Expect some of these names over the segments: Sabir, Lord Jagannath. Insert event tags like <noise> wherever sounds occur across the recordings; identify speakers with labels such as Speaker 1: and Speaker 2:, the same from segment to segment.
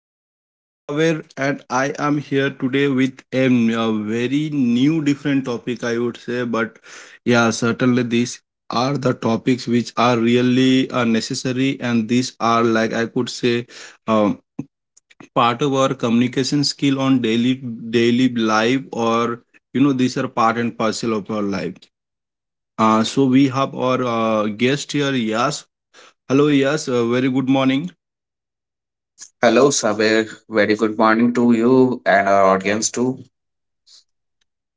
Speaker 1: your host Saver, and I am here today with a very new, different topic, I would say. But yeah, certainly these are the topics which are really necessary, and these are like I could say um, part of our communication skill on daily life, or you know, these are part and parcel of our life. So we have our guest here, Yas. Hello, Yas. Very good morning.
Speaker 2: Hello, Sabir. Very good morning to you and our audience too.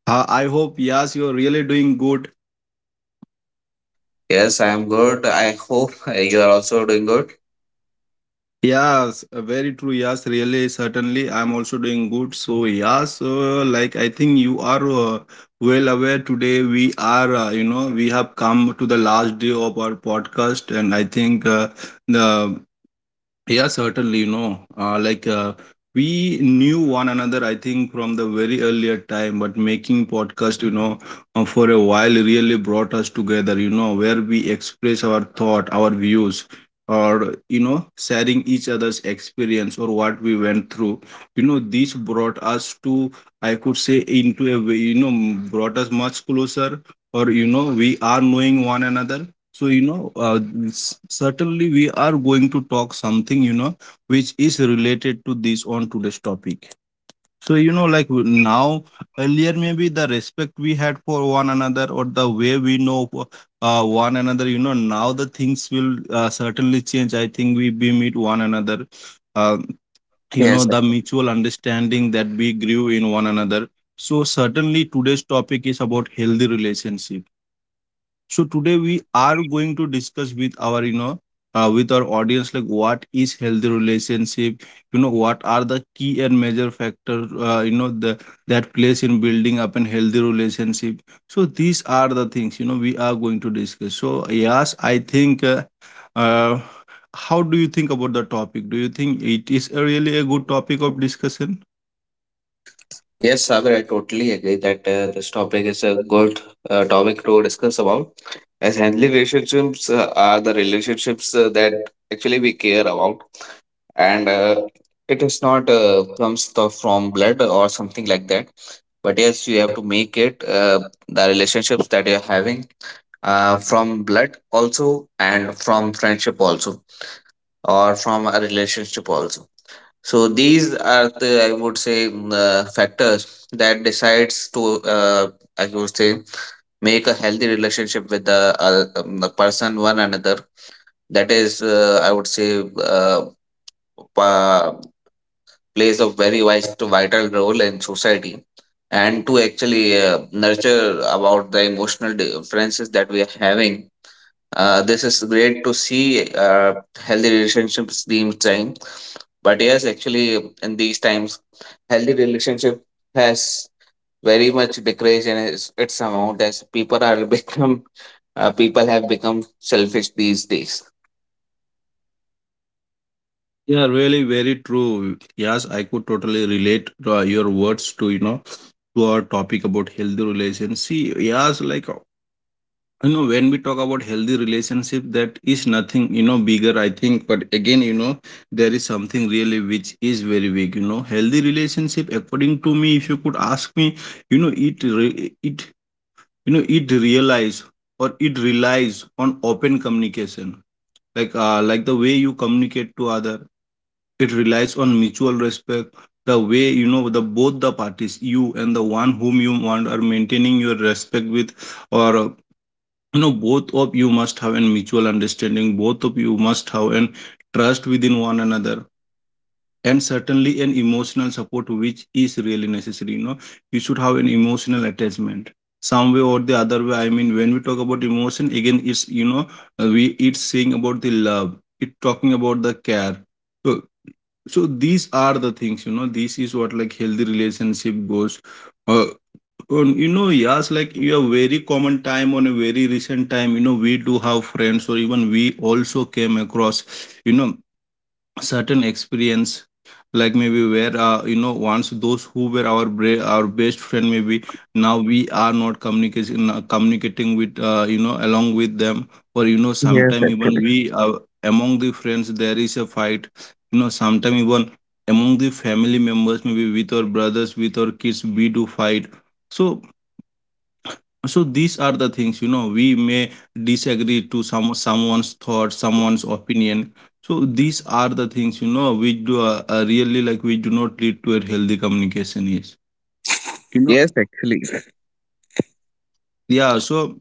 Speaker 1: I hope, yes, you're really doing good.
Speaker 2: Yes, I am good. I hope <laughs> you are also doing good.
Speaker 1: Yes, very true. Yes, really, certainly, I'm also doing good. So, yes, like I think you are well aware today. We are, you know, we have come to the last day of our podcast, and I think. The Yeah, certainly, like we knew one another, I think, from the very earlier time, but making podcast, for a while really brought us together, where we express our thought, our views, or, sharing each other's experience or what we went through. This brought us to, I could say, into a way, brought us much closer, or, we are knowing one another, so certainly we are going to talk something, which is related to this on today's topic. So, like now, earlier, maybe the respect we had for one another, or the way we know one another, now the things will certainly change. I think we meet one another, uh,
Speaker 2: Yes,
Speaker 1: the mutual understanding that we grew in one another. So, certainly today's topic is about healthy relationship, so today we are going to discuss with our audience, like what is healthy relationship, what are the key and major factors, you know, the that plays in building up a healthy relationship. So these are the things, we are going to discuss. So yes, I think, uh, how do you think about the topic? Do you think it is a really a good topic of discussion?
Speaker 2: yes, Sabir. I totally agree that this topic is a good topic to discuss about. As healthy relationships are the relationships that actually we care about, and it is not comes the, from blood or something like that, but yes, you have to make it the relationships that you're having from blood also and from friendship also, or from a relationship also. So these are the, I would say, factors that decides to, I would say, make a healthy relationship with the person one another. That is, I would say, pa- plays a very vital role in society, and to actually nurture about the emotional differences that we are having. This is great to see healthy relationships being trying. But yes, actually, in these times, healthy relationship has very much decreased in its amount, as people are <laughs> become people have become selfish these days.
Speaker 1: Yeah, really very true. Yes, I could totally relate your words to, to our topic about healthy relationship. See, yes, when we talk about healthy relationship, that is nothing, bigger, I think. But again, there is something really which is very big. Healthy relationship, according to me, if you could ask me, it, re- it, you know, it realize, or it relies on open communication. Like the way you communicate to other, it relies on mutual respect, the way you know, the both the parties, you and the one whom you want, are maintaining your respect with. Or you know, both of you must have a mutual understanding, both of you must have an trust within one another, and certainly an emotional support which is really necessary. You know, you should have an emotional attachment some way or the other way. I mean, when we talk about emotion, again, it's, you know, we it's saying about the love, it talking about the care. So, so these are the things, you know, this is what like healthy relationship goes uh, on, you know. Yes, like you have very common time on a very recent time, you know, we do have friends, or even we also came across, you know, certain experience, like maybe where you know, once those who were our our best friend, maybe now we are not communicating, communicating with, you know, along with them. Or you know,
Speaker 2: Yes,
Speaker 1: sometime even
Speaker 2: actually.
Speaker 1: we among the friends there is a fight. You know, sometime even among the family members, maybe with our brothers, with our kids, we do fight. So, so these are the things, you know, we may disagree to someone's thought, someone's opinion. So these are the things, you know, which do really, like, we do not lead to a healthy communication, is, you know.
Speaker 2: Yes, actually.
Speaker 1: Yeah, so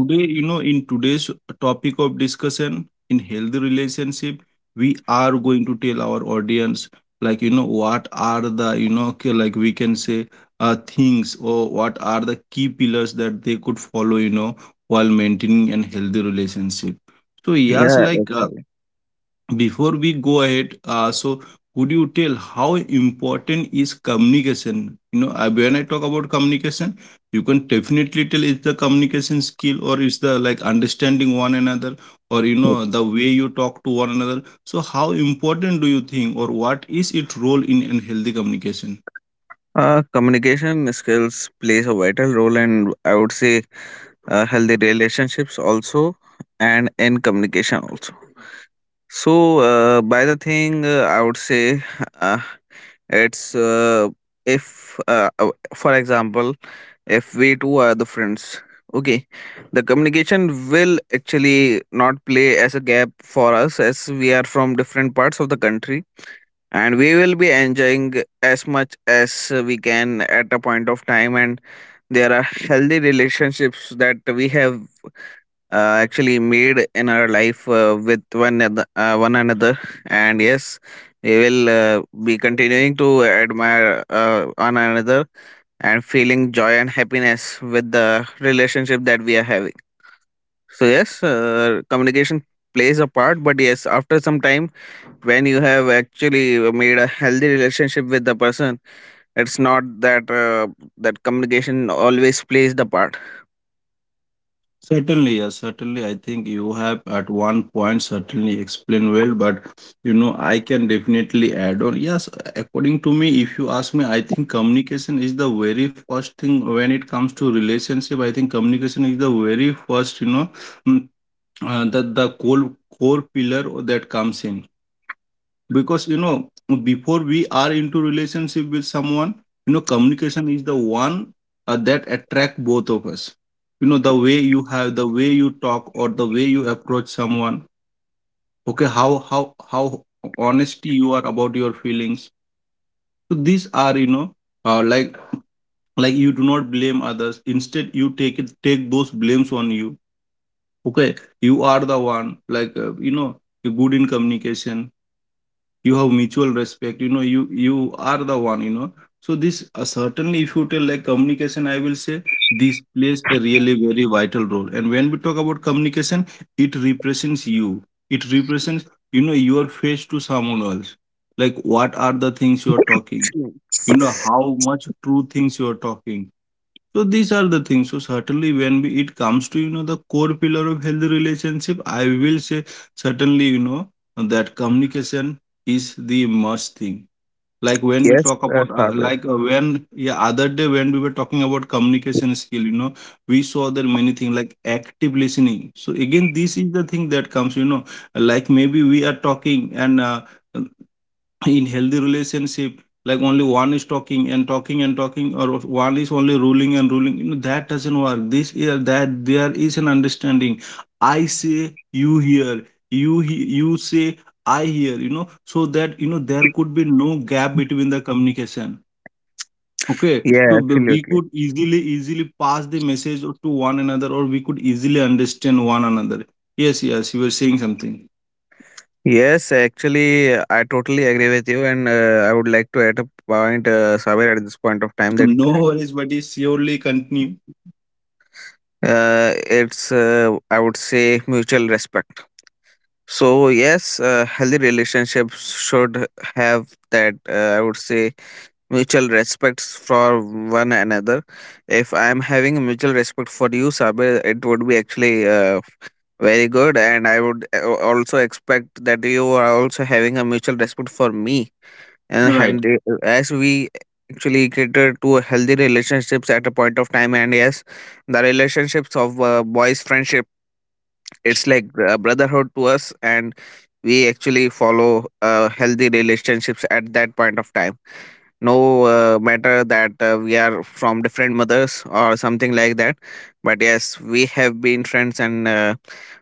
Speaker 1: today, you know, in today's topic of discussion in healthy relationship, we are going to tell our audience, like, you know, what are the, you know, like we can say, things, or what are the key pillars that they could follow, you know, while maintaining an healthy relationship. So, yes,
Speaker 2: Yeah,
Speaker 1: like,
Speaker 2: actually.
Speaker 1: before we go ahead, so, would you tell how important is communication? You know, I, when I talk about communication, you can definitely tell it's the communication skill, or it's the, like, understanding one another, or you know the way you talk to one another. So how important do you think, or what is its role in a healthy communication?
Speaker 2: Communication skills plays a vital role, and I would say healthy relationships also, and in communication also. So, by the thing, I would say. <laughs> It's if, For example, if we two are the friends, okay, the communication will actually not play as a gap for us, as we are from different parts of the country, and we will be enjoying as much as we can at a point of time, and there are healthy relationships that we have actually made in our life with one another. And yes, we will be continuing to admire one another, and feeling joy and happiness with the relationship that we are having. So yes, communication plays a part, but yes, after some time, when you have actually made a healthy relationship with the person, it's not that that communication always plays the part.
Speaker 1: Certainly, yes, certainly. I think you have at one point certainly explained well, but you know, I can definitely add on. Yes, according to me, if you ask me, I think communication is the very first thing when it comes to relationship. I think communication is the very first, you know, mm, the core pillar that comes in, because you know, before we are into relationship with someone, you know communication is the one that attract both of us. You know, the way you have, the way you talk, or the way you approach someone. Okay, how honesty you are about your feelings. So these are, you know, uh, like like you do not blame others, instead you take it take those blames on you. Okay, you are the one, like you know, you're good in communication, you have mutual respect, you know, you are the one, you know. So this, certainly, if you tell, like, communication, I will say this plays a really very vital role. And when we talk about communication, it represents you, it represents, you know, your face to someone else, like what are the things you are talking, you know, how much true things you are talking. So these are the things. So certainly, when we, it comes to, you know, the core pillar of healthy relationship, I will say certainly, you know, that communication is the must thing. Like when we
Speaker 2: Yes,
Speaker 1: talk about
Speaker 2: Sabir.
Speaker 1: when, yeah, other day, when we were talking about communication skill, you know, we saw there many things like active listening. So again, this is the thing that comes. You know, like maybe we are talking, and. In healthy relationship, like, only one is talking and talking and talking, or one is only ruling and ruling, you know that doesn't work. This is that there is an understanding. I say you hear, you you say I hear, you know, so that you know there could be no gap between the communication. Okay,
Speaker 2: Yeah,
Speaker 1: so we
Speaker 2: absolutely.
Speaker 1: could easily pass the message to one another, or we could easily understand one another. Yes, yes, you were saying something.
Speaker 2: Yes, actually, I totally agree with you, and I would like to add a point, Saber, at this point of time
Speaker 1: So,
Speaker 2: that
Speaker 1: no worries, but surely continue.
Speaker 2: I would say, mutual respect. So, yes, healthy relationships should have that, I would say, mutual respects for one another. If I'm having a mutual respect for you, Saber, it would be actually very good, and I would also expect that you are also having a mutual respect for me, and
Speaker 1: Right.
Speaker 2: as we actually cater to healthy relationships at a point of time. And yes, the relationships of boys friendship, it's like brotherhood to us, and we actually follow healthy relationships at that point of time, no matter that we are from different mothers or something like that. But yes, we have been friends, and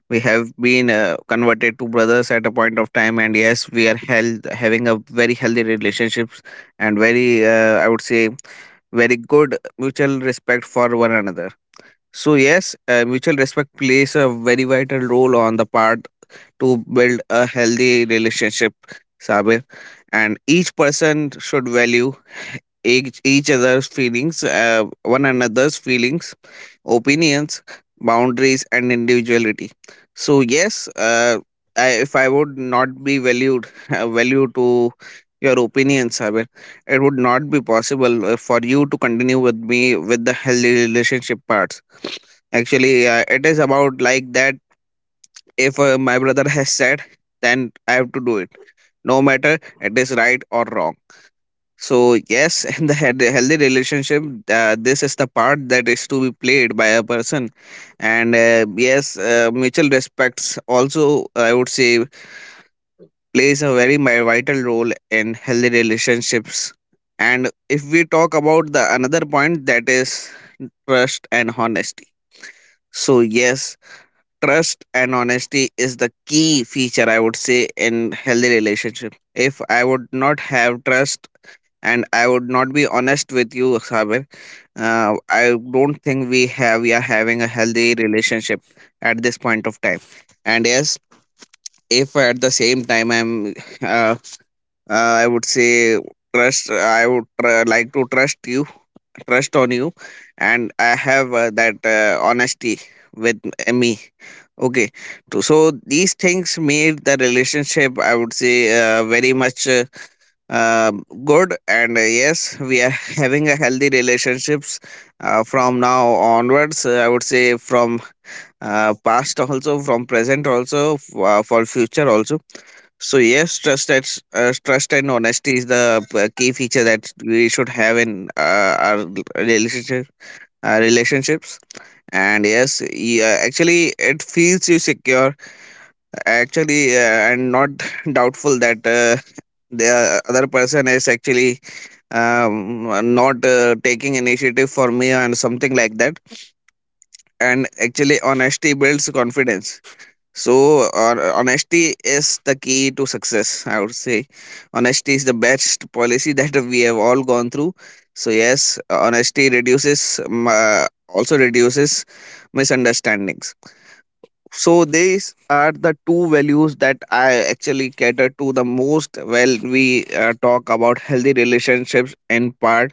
Speaker 2: we have been converted to brothers at a point of time, and yes, we are held having a very healthy relationships and very, I would say, very good mutual respect for one another. So yes, mutual respect plays a very vital role on the part to build a healthy relationship, Sabir. And each person should value each other's feelings, one another's feelings, opinions, boundaries, and individuality. So yes, I, if I would not be valued, <laughs> value to your opinions, Saber, it would not be possible for you to continue with me with the healthy relationship parts. Actually, it is about like that. If my brother has said, then I have to do it. No matter it is right or wrong. So yes, <laughs> in the healthy relationship, this is the part that is to be played by a person, and yes, mutual respects also, I would say, plays a very vital role in healthy relationships. And if we talk about the another point, that is trust and honesty. So yes, trust and honesty is the key feature, I would say, in healthy relationship. If I would not have trust and I would not be honest with you, Saber. I don't think we are having a healthy relationship at this point of time. And yes, if at the same time I'm, uh, I would say, trust. I would like to trust you, trust on you, and I have that honesty with me. Okay, so these things made the relationship, I would say, very much good, and yes, we are <laughs> having a healthy relationships from now onwards. I would say from past also, from present also, for future also. So yes, trust, that trust and honesty is the key feature that we should have in our relationship relationships. And yes, actually it feels you secure, actually, and not <laughs> doubtful that the other person is actually not taking initiative for me and something like that. And actually, honesty builds confidence. So honesty is the key to success, I would say. Honesty is the best policy <laughs> that we have all gone through. So yes, honesty reduces also reduces misunderstandings. So these are the two values that I actually cater to the most when we talk about healthy relationships in part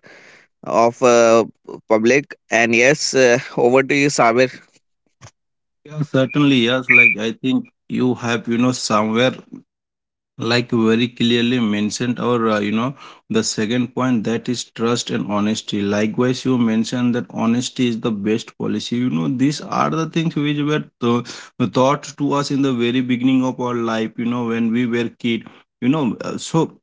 Speaker 2: of public. And yes, over to you, Sabir.
Speaker 1: Yeah, certainly, yes. Like I think you have, you know, somewhere like very clearly mentioned, or you know, the second point, that is trust and honesty. Likewise, you mentioned that honesty is the best policy. You know, these are the things which were taught to us in the very beginning of our life. You know, when we were kid. So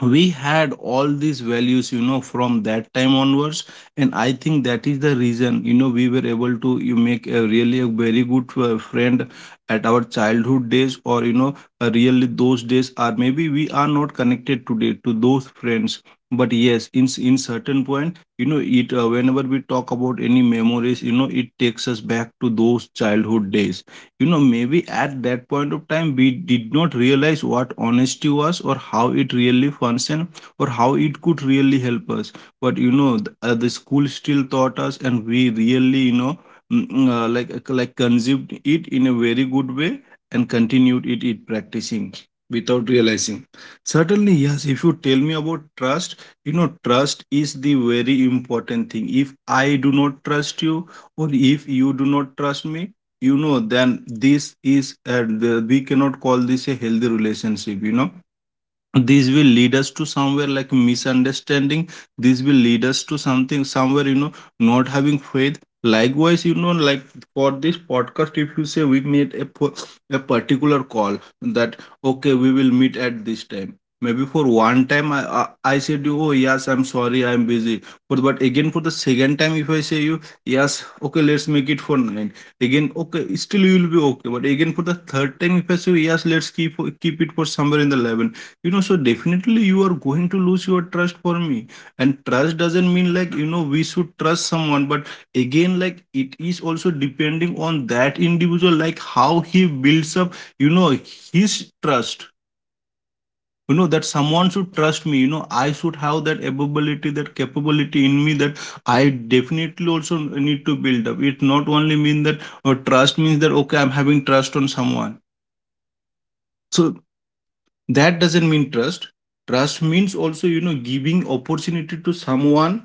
Speaker 1: we had all these values from that time onwards, and I think that is the reason, we were able to you make a really a very good friend at our childhood days, or really those days are, maybe we are not connected today to those friends, but yes, in certain point, you know it whenever we talk about any memories, it takes us back to those childhood days. Maybe at that point of time we did not realize what honesty was, or how it really functioned, or how it could really help us. But the school still taught us, and we really consumed it in a very good way, and continued it practicing without realizing. Certainly, yes. If you tell me about trust, trust is the very important thing. If I do not trust you, or if you do not trust me, then this is, we cannot call this a healthy relationship. This will lead us to somewhere like misunderstanding. This will lead us to something somewhere, not having faith. Likewise, like, for this podcast, if you say we made a particular call that, okay, we will meet at this time, maybe for one time. I said you, oh yes, I'm sorry, I'm busy. But again, for the second time, if I say you, yes okay, let's make it for nine. Again, okay, still you will be okay. But again, for the third time, if I say, yes, let's keep it for somewhere in the 11. So definitely you are going to lose your trust for me. And trust doesn't mean, like, we should trust someone, but again, like, it is also depending on that individual, like how he builds up, you know his trust. That someone should trust me, I should have that ability, that capability in me, that I definitely also need to build up. It not only mean that, or trust means that, okay, I'm having trust on someone, so that doesn't mean trust. Trust means also, giving opportunity to someone,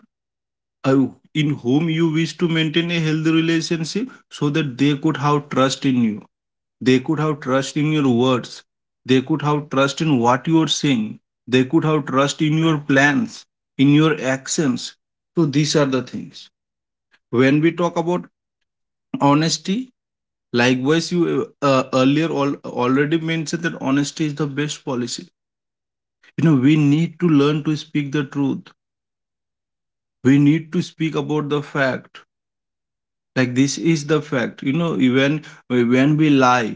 Speaker 1: uh, in whom you wish to maintain a healthy relationship, so that they could have trust in you. They could have trust in your words, they could have trust in what you are saying, they could have trust in your plans, in your actions. So these are the things when we talk about honesty. Likewise, you, earlier already mentioned that honesty is the best policy. We need to learn to speak the truth. We need to speak about the fact, like this is the fact. Even when we lie,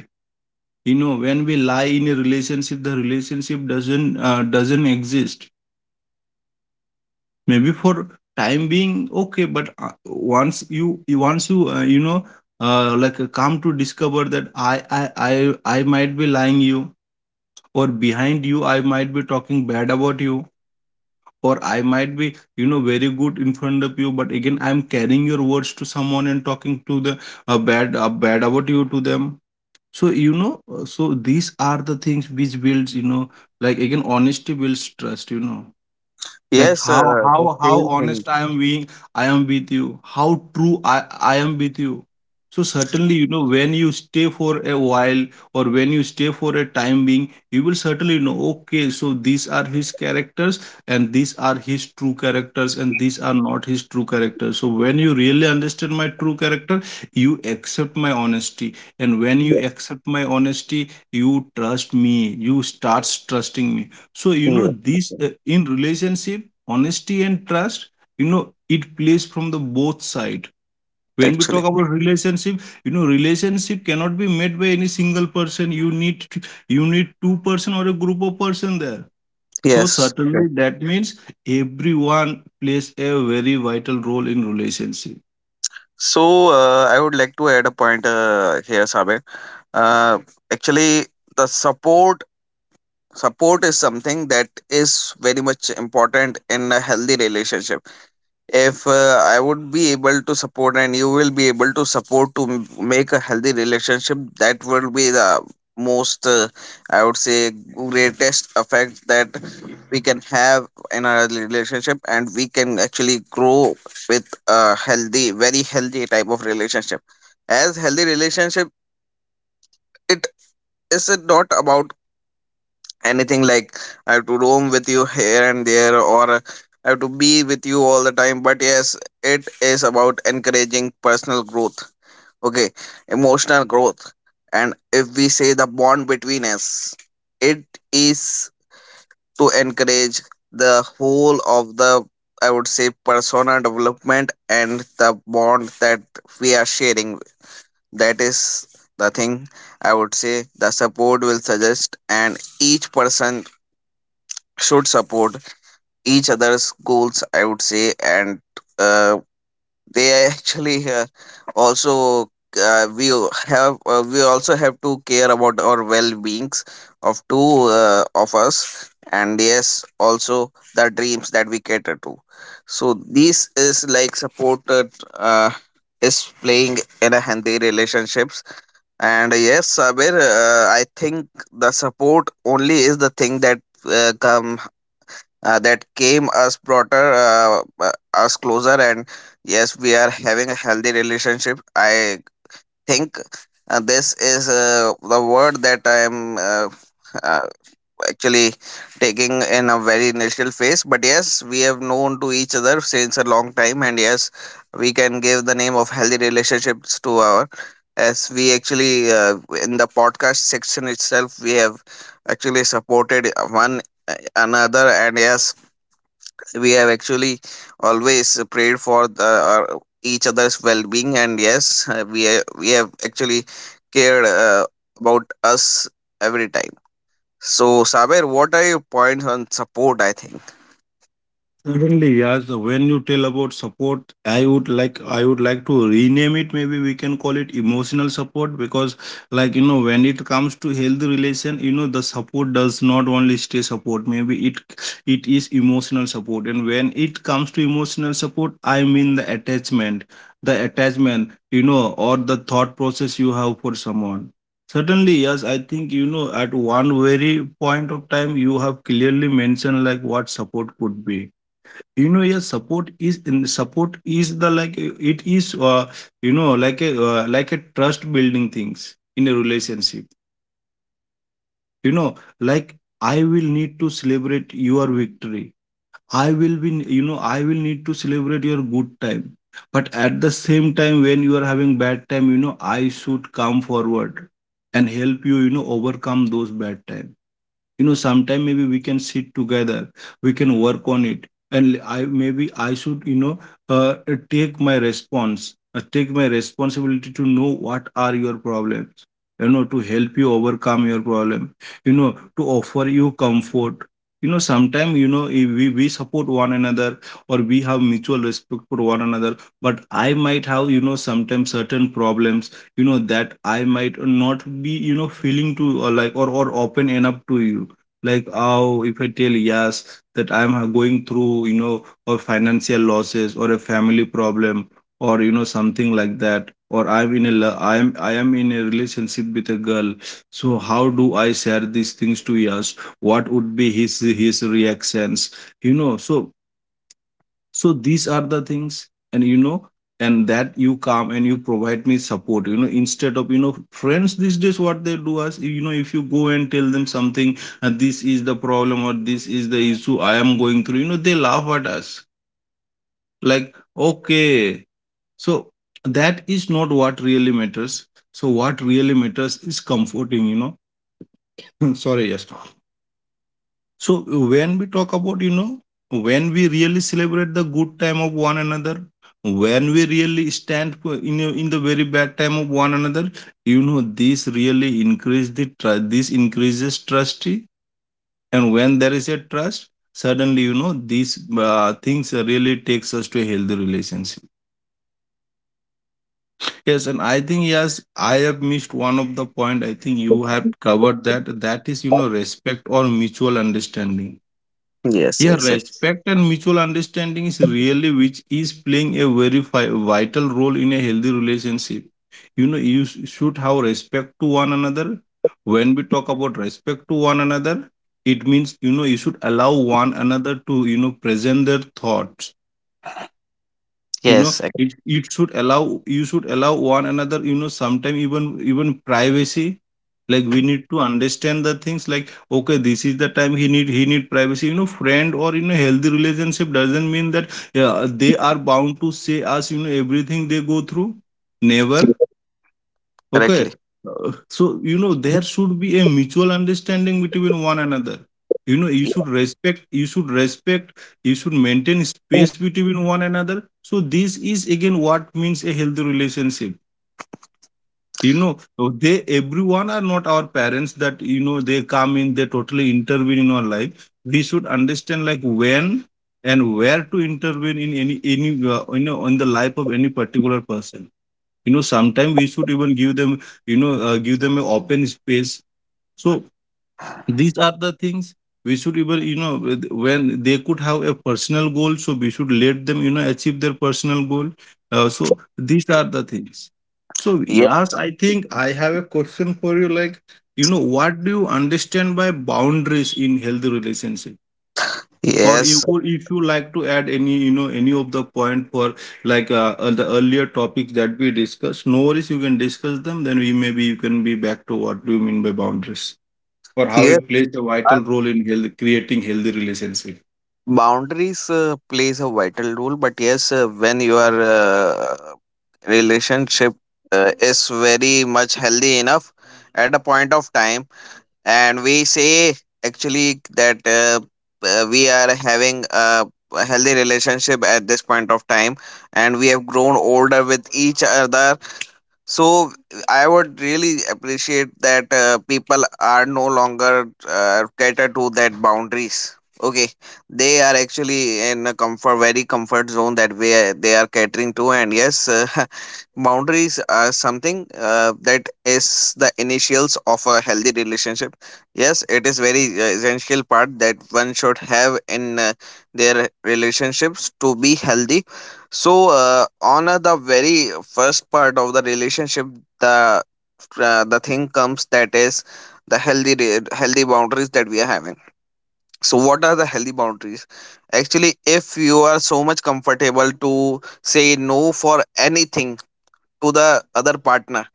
Speaker 1: when we lie in a relationship, the relationship doesn't exist. Maybe for time being, okay, but, once you, you know like come to discover that i i i I might be lying you, or behind you I might be talking bad about you, or I might be, very good in front of you, but again I'm carrying your words to someone and talking to the, bad about you to them. So, so these are the things which builds, like, again, honesty builds trust. Like
Speaker 2: Yes,
Speaker 1: how
Speaker 2: the
Speaker 1: how
Speaker 2: same thing
Speaker 1: honest I am being, I am with you. How true I am with you. So certainly, when you stay for a while, or when you stay for a time being, you will certainly know, okay, so these are his characters, and these are his true characters, and these are not his true characters. So when you really understand my true character, you accept my honesty. And when you accept my honesty, you trust me, you starts trusting me. So,
Speaker 2: here,
Speaker 1: this, in relationship, honesty and trust, you know it plays from the both side. When we
Speaker 2: actually.
Speaker 1: talk about relationship, relationship cannot be made by any single person. You need two person or a group of person there. So
Speaker 2: Yes. Yeah.
Speaker 1: certainly that means everyone plays a very vital role in relationship.
Speaker 2: So I would like to add a point here, Sabir. Uh, actually, the support support is something that is very much important in a healthy relationship. If I would be able to support, and you will be able to support to make a healthy relationship, that will be the most, I would say, greatest effect that we can have in our relationship, and we can actually grow with a healthy, very healthy type of relationship. As healthy relationship, it is not about anything like I have to roam with you here and there, or I have to be with you all the time. But yes, it is about encouraging personal growth, okay, emotional growth. And if we say the bond between us, it is to encourage the whole of the, I would say, persona development, and the bond that we are sharing. That is the thing, I would say, the support will suggest, and each person should support each other's goals, I would say. And uh, they actually also we also have to care about our well-beings of two of us, and yes, also the dreams that we cater to. So this is like supported, uh, is playing in a healthy relationships. And yes, Sabir, I think the support only is the thing that come that came us broader, us closer, and yes, we are having a healthy relationship, I think. This is the word that I am uh, actually taking in a very initial phase. But yes, we have known to each other since a long time, and yes, we can give the name of healthy relationships to our, as we actually in the podcast section itself, we have actually supported one another. And yes, we have actually always prayed for the, our, each other's well-being. And yes, we have actually cared about us every time. So, Saber, what are your points on support, I think?
Speaker 1: Certainly, yes. When you tell about support, I would like to rename it. Maybe we can call it emotional support because, like, when it comes to healthy relation, the support does not only stay support. Maybe it is emotional support, and when it comes to emotional support, I mean the attachment, or the thought process you have for someone. Certainly, yes. I think, at one very point of time, you have clearly mentioned like what support could be. Yeah, support is, the, like, it is, like a, like a trust building things in a relationship, you know like, I will need to celebrate your victory. I will be, I will need to celebrate your good time. But at the same time, when you are having bad time, I should come forward and help you, you know overcome those bad time, sometime maybe we can sit together, we can work on it. And I, maybe I should, uh, uh, take my response take my responsibility to know what are your problems, to help you overcome your problem, you know to offer you comfort. Sometimes, if we support one another, or we have mutual respect for one another, but I might have, sometimes, certain problems, that I might not be, feeling to, or, like, or open enough to you. Like, oh, if I tell yes that I'm, going through, or financial losses, or a family problem, or something like that, or I'm in a I am in a relationship with a girl. So how do I share these things to Yas? What would be his reactions? you know so so these are the things. And and that you come and you provide me support, instead of, friends these days, what they do is, if you go and tell them something, this is the problem or this is the issue I am going through, they laugh at us, like, okay. So that is not what really matters. So what really matters is comforting. <laughs> Sorry, yes. So when we talk about, when we really celebrate the good time of one another, when we really stand in the very bad time of one another, this really this increases trust, and when there is a trust, suddenly, these things really takes us to a healthy relationship. Yes, and I think, yes, I have missed one of the point. I think you have covered that. That is, respect or mutual understanding.
Speaker 2: yes
Speaker 1: Yeah,
Speaker 2: yes ac-
Speaker 1: respect and mutual understanding is really which is playing a very vital role in a healthy relationship. You know, you should have respect to one another. When we talk about respect to one another, it means, you should allow one another to, present their thoughts, you know
Speaker 2: yes ac-
Speaker 1: it should allow, you should allow one another, sometime, even privacy. Like, we need to understand the things like, okay, this is the time he need privacy. Friend, or, healthy relationship doesn't mean that yeah, they are bound to say us, everything they go through, never. Okay.
Speaker 2: Correctly.
Speaker 1: So, there should be a mutual understanding between one another. You know, you
Speaker 2: Ye-
Speaker 1: should respect, you should respect, you should maintain space between one another. So, this is again what means a healthy relationship. You know, they, everyone are not our parents, that, they come in, they totally intervene in our life. We should understand, like, when and where to intervene in any on the life of any particular person. Sometimes we should even give them, give them an open space. So these are the things. We should even, when they could have a personal goal, so we should let them, achieve their personal goal. So these are the things. So yes, I think I have a question for you, like, what do you understand by boundaries in healthy relationship? Or you
Speaker 2: yes
Speaker 1: could, if you like to add any, any of the point for, the earlier topics that we discussed, no worries, you can discuss them. Then we, maybe you can be back to what do you mean by boundaries, or how
Speaker 2: yes,
Speaker 1: it plays a
Speaker 2: uh,
Speaker 1: vital role in health, creating healthy relationship.
Speaker 2: boundaries plays a vital role. But yes, when your relationship is very much healthy enough at a point of time, and we say actually that we are having a healthy relationship at this point of time, and we have grown older with each other, so I would really appreciate that people are no longer catered to that boundaries. Okay, they are actually in a comfort, very comfort zone that way they are catering to. And yes, <laughs> boundaries are something that is the initials of a healthy relationship. Yes, it is very essential part that one should have in their relationships to be healthy. So, on the very first part of the relationship, the the thing comes, that is the healthy boundaries that we are having. So, what are the healthy boundaries? Actually, if you are so much comfortable to say no for anything to the other partner,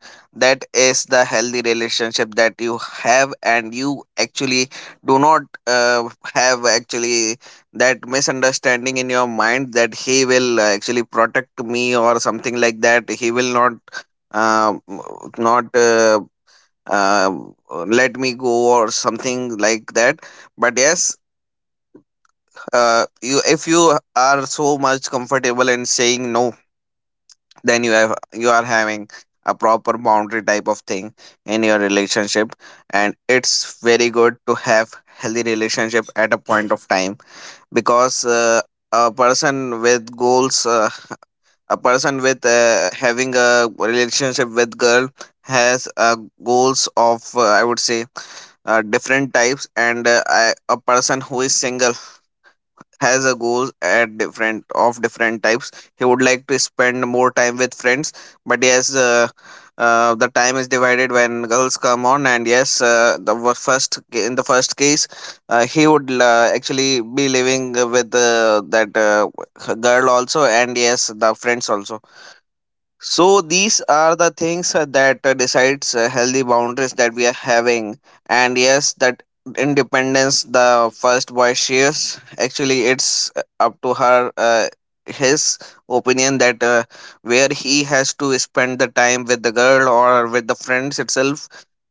Speaker 2: that is the healthy relationship that you have, and you actually do not have actually that misunderstanding in your mind that he will actually protect me or something like that, he will not uh, not uh, uh, let me go or something like that. But yes, you if you are so much comfortable in saying no, then you are having a proper boundary type of thing in your relationship, and it's very good to have healthy relationship at a point of time. Because a person with goals, a person with having a relationship with girl has goals of, I would say, different types. And I, a person who is single, has a goals at different of different types. He would like to spend more time with friends. But yes, the time is divided when girls come on. And yes, the wa- first ca- in the first case, he would actually be living with that girl also, and yes the friends also. So these are the things that decides healthy boundaries that we are having. And yes, that independence the first boy shares, actually it's up to her, his opinion, that where he has to spend the time with the girl or with the friends itself.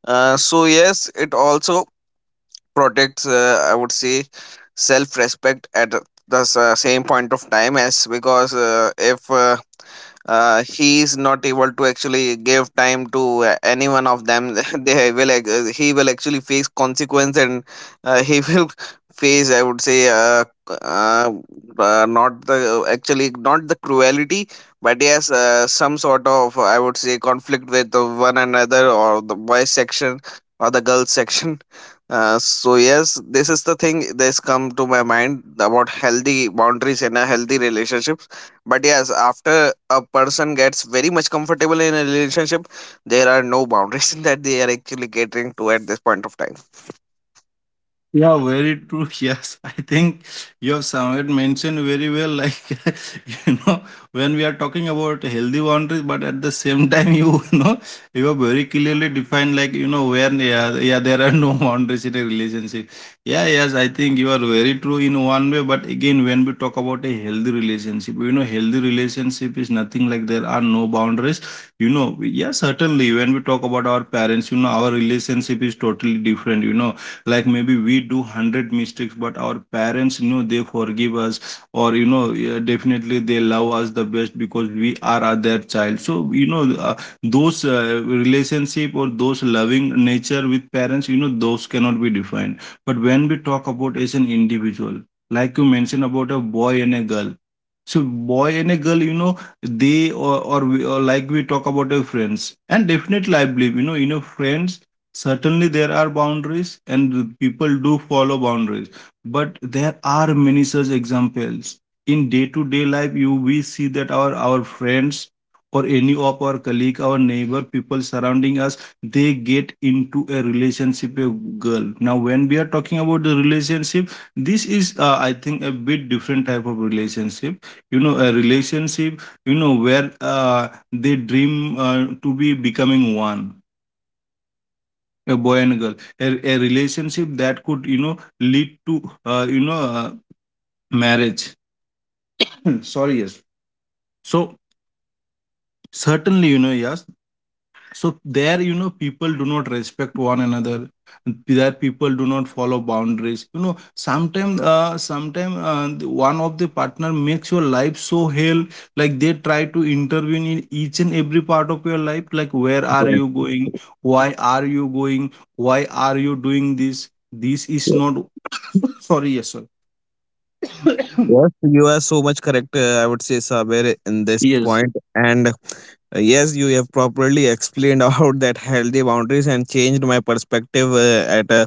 Speaker 2: So yes, it also protects, I would say, self-respect at the same point of time. As because if he is not able to actually give time to any one of them, <laughs> he will actually face consequence. And he will <laughs> face, I would say, c- uh, not the actually not the cruelty, but yes some sort of, I would say, conflict with the one another, or the boys section or the girls <laughs> section. So yes, this is the thing that's come to my mind about healthy boundaries and a healthy relationship. But yes, after a person gets very much comfortable in a relationship, there are no boundaries <laughs> that they are actually catering to at this point of time.
Speaker 1: Yeah, very true. <laughs> Yes, I think you have somewhat mentioned very well. Like, <laughs> you know, when we are talking about healthy boundaries, but at the same time, you, <laughs> you are very clearly defined, like, where, yeah, yeah, there are no <laughs> boundaries in a relationship. Yeah, yes, I think you are very true in one way. But again, when we talk about a healthy relationship, healthy relationship is nothing like there are no boundaries. Yeah, certainly when we talk about our parents, our relationship is totally different. Like maybe we do 100 mistakes, but our parents, they forgive us, or yeah, definitely they love us the best because we are their child. So those relationship or those loving nature with parents, those cannot be defined. But when we talk about as an individual, like you mentioned about a boy and a girl. So boy and a girl, they or we, or like we talk about our friends. And definitely I believe, in a friends, certainly there are boundaries, and the people do follow boundaries. But there are many such examples in day-to-day life. You We see that our friends or any of our colleague, our neighbor, people surrounding us, they get into a relationship with girl. Now, when we are talking about the relationship, this is, I think, a bit different type of relationship. A relationship, where they dream to be becoming one, a boy and a girl. A relationship that could, lead to uh, you know uh, marriage. <clears throat> Sorry, yes. So certainly, yes. So there, people do not respect one another. There, people do not follow boundaries. Sometimes one of the partner makes your life so hell. Like, they try to intervene in each and every part of your life, like, where are
Speaker 2: Yes,
Speaker 1: you going? Why are you going? Why are you doing this? This is
Speaker 2: yes,
Speaker 1: not. <coughs> Sorry, yes sir.
Speaker 2: yes,
Speaker 1: <coughs>
Speaker 2: you are so much correct. I would say Saber in this
Speaker 1: Yes.
Speaker 2: point, and yes, you have properly explained <laughs> about that healthy boundaries and changed my perspective, at a,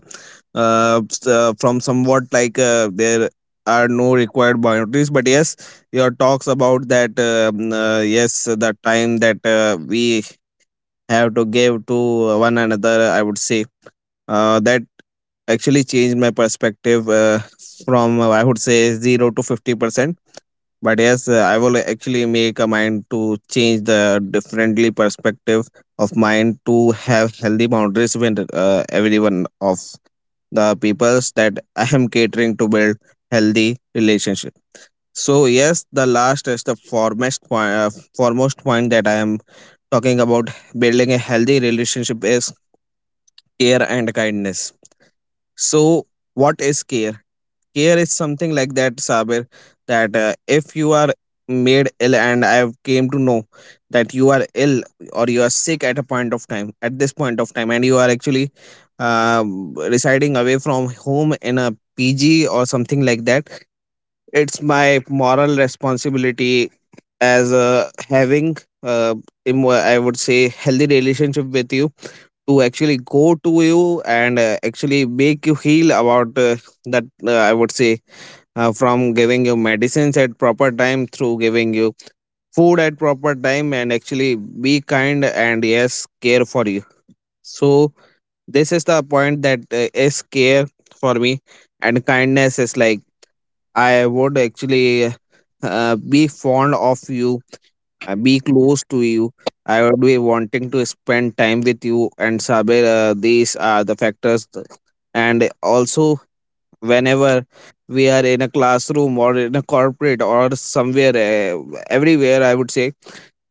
Speaker 2: from somewhat like there are no required boundaries. But yes, your talks about that, yes, the time that we have to give to one another, I would say, that actually changed my perspective, from, I would say, 0 to 50%. But yes, I will actually make a mind to change the differently perspective of mine to have healthy boundaries with everyone of the peoples that I am catering to, build healthy relationship. So yes, the last is the foremost point, that I am talking about, building a healthy relationship, is care and kindness. So, what is care? Care is something like that, Sabir, that if you are made ill and I have came to know that you are ill or you are sick at a point of time, at this point of time, and you are actually residing away from home in a PG or something like that, it's my moral responsibility as having uh, I would say healthy relationship with you, to actually go to you and actually make you heal about that, I would say, from giving you medicines at proper time, through giving you food at proper time, and actually be kind and yes care for you. So this is the point that is care for me. And kindness is like, I would actually be fond of you, be close to you. I would be wanting to spend time with you and Saber. These are the factors, and also whenever we are in a classroom or in a corporate or somewhere, everywhere, I would say.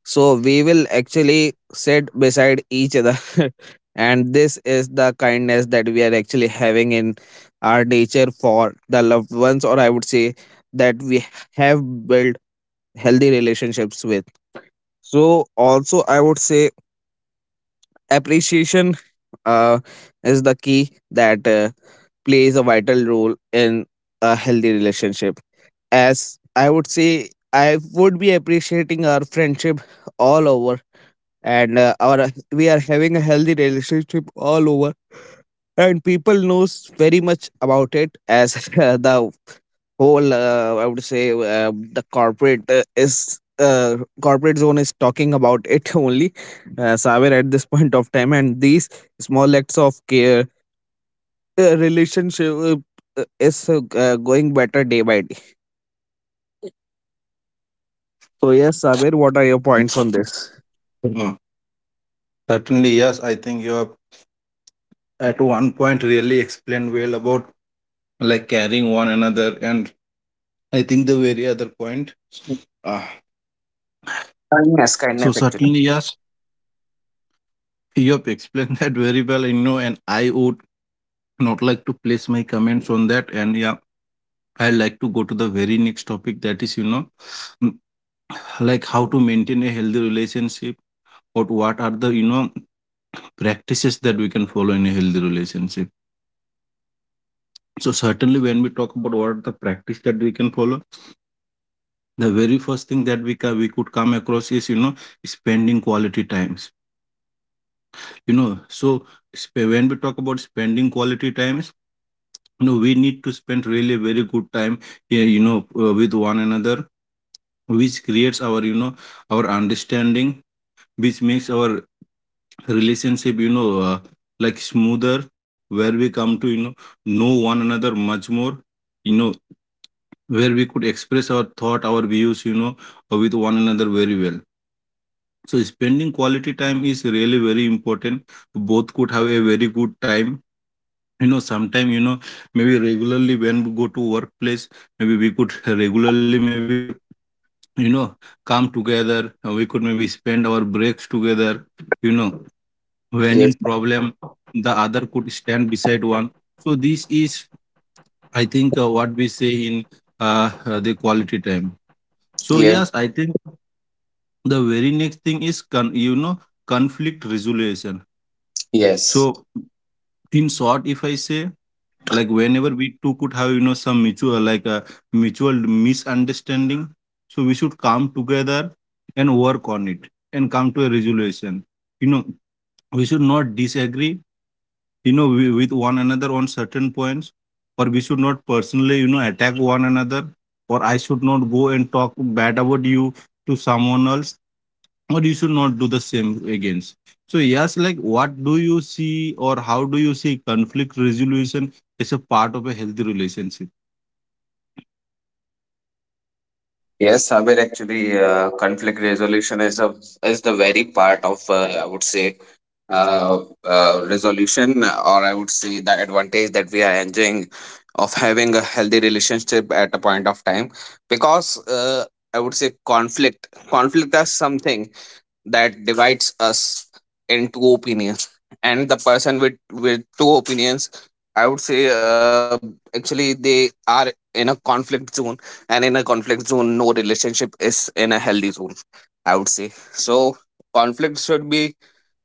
Speaker 2: So we will actually sit beside each other, <laughs> and this is the kindness that we are actually having in our nature for the loved ones, or I would say that we have built healthy relationships with. So also I would say appreciation uh, is the key that plays a vital role in a healthy relationship. As I would say, I would be appreciating our friendship all over, and our we are having a healthy relationship all over, and people knows very much about it, as <laughs> the whole, I would say, the corporate is corporate zone is talking about it, <laughs> only, Saber, at this point of time. And these small acts of care, relationship, is going better day by day. So yes, Sabir, what are your points on this?
Speaker 1: Uh, Certainly, yes, I think you have at one point really explained well about like carrying one another. And I think the very other point, uh,
Speaker 2: Kindness,
Speaker 1: so
Speaker 2: kindness actually.
Speaker 1: certainly, yes, you have explained <laughs> that very well, and I would not like to place my comments on that. And yeah, I like to go to the very next topic, that is, mm, like how to maintain a healthy relationship, or what are the, practices that we can follow in a healthy relationship. So certainly, when we talk about what are the practice that we can follow, the very first thing that we could come across is, spending quality times. So, when we talk about spending quality times, we need to spend really very good time, yeah, with one another, which creates our, our understanding, which makes our relationship, like, smoother, where we come to, know one another much more, you know where we could express our thought, our views, with one another very well. So spending quality time is really very important. Both could have a very good time, sometime, maybe regularly when we go to workplace, maybe we could regularly, maybe, you know come together. We could maybe spend our breaks together, you know when in
Speaker 2: Yes,
Speaker 1: problem, the other could stand beside one. So this is, I think, what we say in, the quality time. So yes, I
Speaker 2: yes,
Speaker 1: think the very next thing is, conflict resolution. So,
Speaker 2: yes.
Speaker 1: in short, if I say, like whenever we two could have, some mutual, like a mutual misunderstanding. So we should come together and work on it and come to a resolution. You know, we should not disagree, with one another on certain points, or we should not personally, attack one another, or I should not go and talk bad about you to someone else, or you should not do the same against. So yes, like, what do you see or how do you see conflict resolution as a part of a healthy relationship?
Speaker 2: Yes, Sabir, actually, conflict resolution is the very part of, I would say, uh, resolution, or I would say the advantage that we are enjoying of having a healthy relationship at a point of time. Because I would say, conflict is something that divides us in two opinions, and the person with two opinions, I would say, actually they are in a conflict zone, and in a conflict zone no relationship is in a healthy zone, I would say. So conflict should be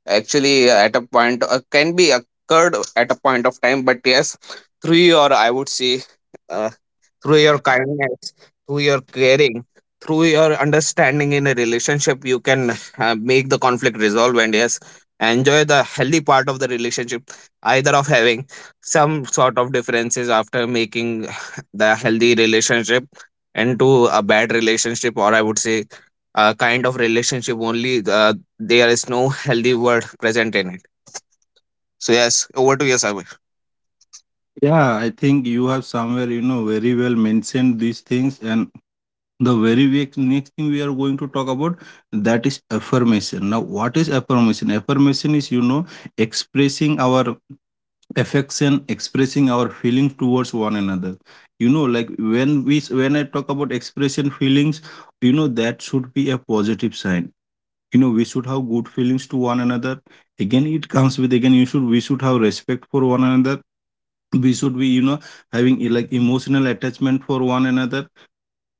Speaker 2: actually at a point, can be occurred at a point of time. But yes, three, or I would say, uh, through your kindness, through your caring, through your understanding in a relationship, you can make the conflict resolve and yes, enjoy the healthy part of the relationship, either of having some sort of differences after making <sighs> the healthy relationship into a bad relationship, or I would say a kind of relationship only. There is no healthy word present in it. So, yes, over to you, Sabir.
Speaker 1: Yeah, I think you have somewhere, very well mentioned these things. And the next thing we are going to talk about, that is affirmation. Now, what is affirmation? Affirmation is, expressing our affection, expressing our feelings towards one another, like, when we when I talk about expression feelings, that should be a positive sign. We should have good feelings to one another. Again, it comes with, again, you should we should have respect for one another. We should be, having, like, emotional attachment for one another.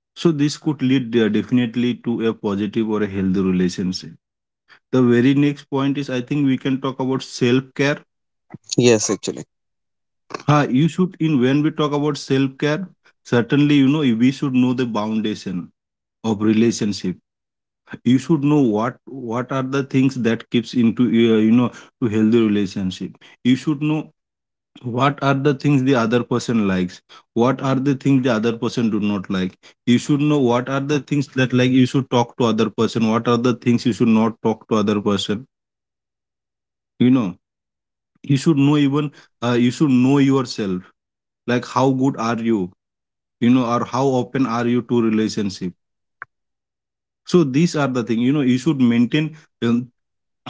Speaker 1: So this could lead, definitely, to a positive or a healthy relationship. The very next point is, I think, we can talk about self care.
Speaker 2: Yes, actually.
Speaker 1: You should in when we talk about self-care, certainly, we should know the foundation of relationship. You should know what are the things that keeps into, to healthy relationship. You should know what are the things the other person likes, what are the things the other person do not like. You should know what are the things that, like, you should talk to other person, what are the things you should not talk to other person. You know you should know, even, you should know yourself, like, how good are you, you know or how open are you to relationship? So these are the thing, you should maintain. um,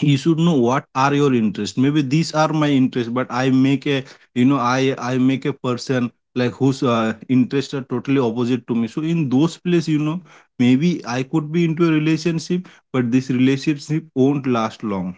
Speaker 1: you should know what are your interests. Maybe these are my interests, but I make a person like whose interests are totally opposite to me. So in those place, maybe I could be into a relationship, but this relationship won't last long,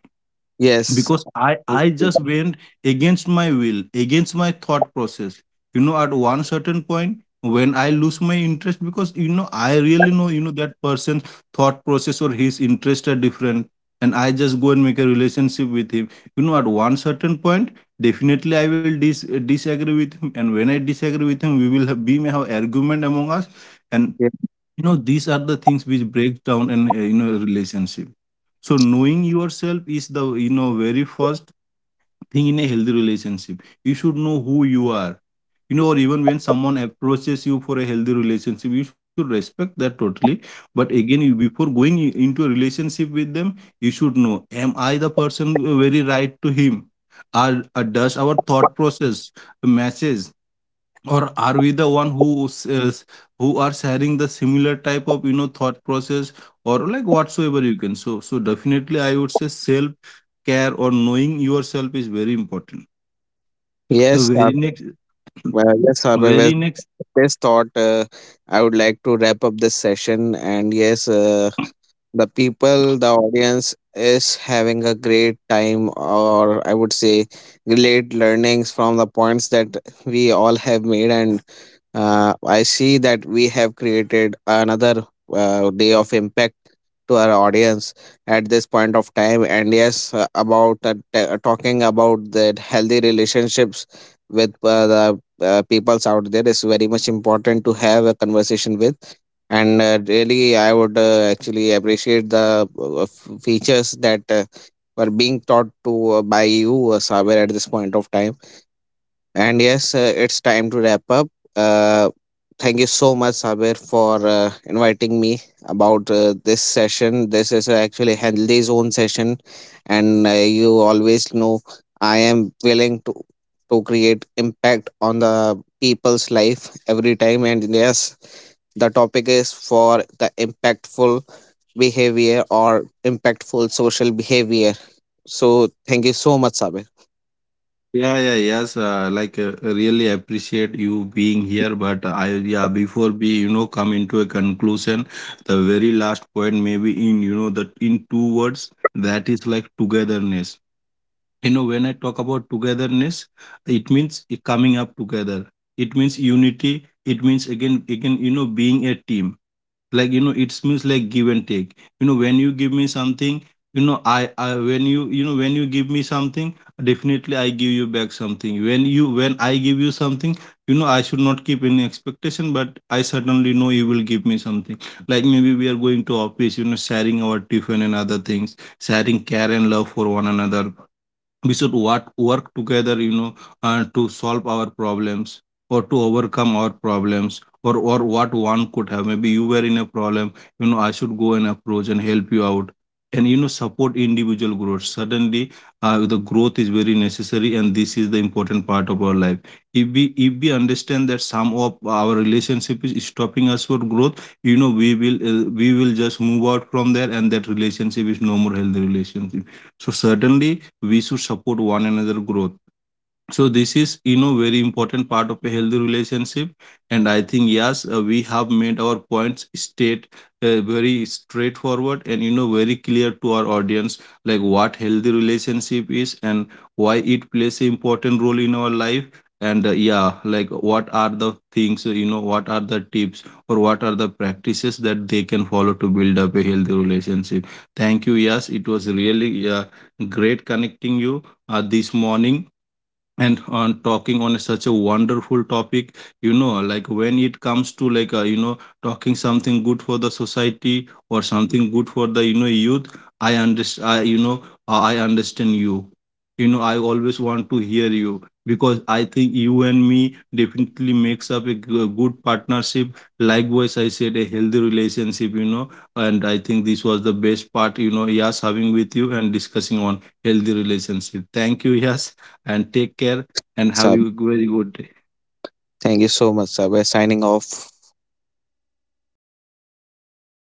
Speaker 2: Yes.
Speaker 1: because I just went against my will, against my thought process. At one certain point, when I lose my interest, because, I really know, that person's thought process or his interest are different, and I just go and make a relationship with him. At one certain point, definitely I will disagree with him. And when I disagree with him, we may have argument among us. And, these are the things which break down an, relationship. So knowing yourself is the, very first thing in a healthy relationship. You should know who you are, or even when someone approaches you for a healthy relationship, you should respect that totally. But again, before into a relationship with them, you should know, am I the person, very right to him? Are Does our thought process matches, or are we the one is who are sharing the similar type of, thought process, or like whatsoever you can? So, definitely, I would say self care or knowing yourself is very important. The
Speaker 2: Yes.
Speaker 1: very next <clears throat>
Speaker 2: Well, yes, however,
Speaker 1: very
Speaker 2: with
Speaker 1: next
Speaker 2: this thought, I would like to wrap up this session. And yes, the people, the audience is having a great time, or I would say, great learnings from the points that we all have made. And I see that we have created another day of impact to our audience at this point of time. And yes, talking about the healthy relationships with the peoples out there is very much important to have a conversation with. And really, I would actually appreciate the features that were being taught to by you, Saber, at this point of time. And yes, it's time to wrap up. Uh, thank you so much, Sabir, for inviting me about this session. This is actually healthy zone session, and you always know I am willing to create impact on the people's life every time. And yes, the topic is for the impactful behavior or impactful social behavior. So thank you so much, Sabir.
Speaker 1: yeah, yeah, yes, like, really appreciate you being here, but I yeah, before we, come into a conclusion, the very last point, maybe in, that, in two words, that is, like, togetherness. When I talk about togetherness, it means coming up together. It means unity. It means, again, being a team. Like, it means, like, give and take. When you give me something, you know I when you know when you give me something, definitely I give you back something. When you when I give you something, I should not keep any expectation, but I certainly know you will give me something. Like, maybe we are going to office, sharing our tiffin and other things, sharing care and love for one another. We should work together, to solve our problems, or to overcome our problems, or, what one could have, maybe you were in a problem. I should go and approach and help you out. And, support individual growth. Suddenly, the growth is very necessary, and this is the important part of our life. If we understand that some of our relationship is stopping us for growth, we will just move out from there, and that relationship is no more healthy relationship. So certainly we should support one another growth. So this is, very important part of a healthy relationship. And I think, yes, we have made our points state, very straightforward, and, very clear to our audience, like what healthy relationship is and why it plays an important role in our life. And, yeah, like, what are the things, what are the tips or what are the practices that they can follow to build up a healthy relationship. Thank you. Yes, it was really, great connecting you, this morning, and on talking on such a wonderful topic. Like, when it comes to, like, talking something good for the society or something good for the, youth, i understand i you know I understand you. You know I always want to hear you, because I think you and me definitely makes up a good partnership, likewise I said, a healthy relationship. And I think this was the best part, yes, having with you and discussing on healthy relationship. Thank you, yes. And take care, and have
Speaker 2: Sab,
Speaker 1: a very good day.
Speaker 2: thank you so much, Sabir. Signing off.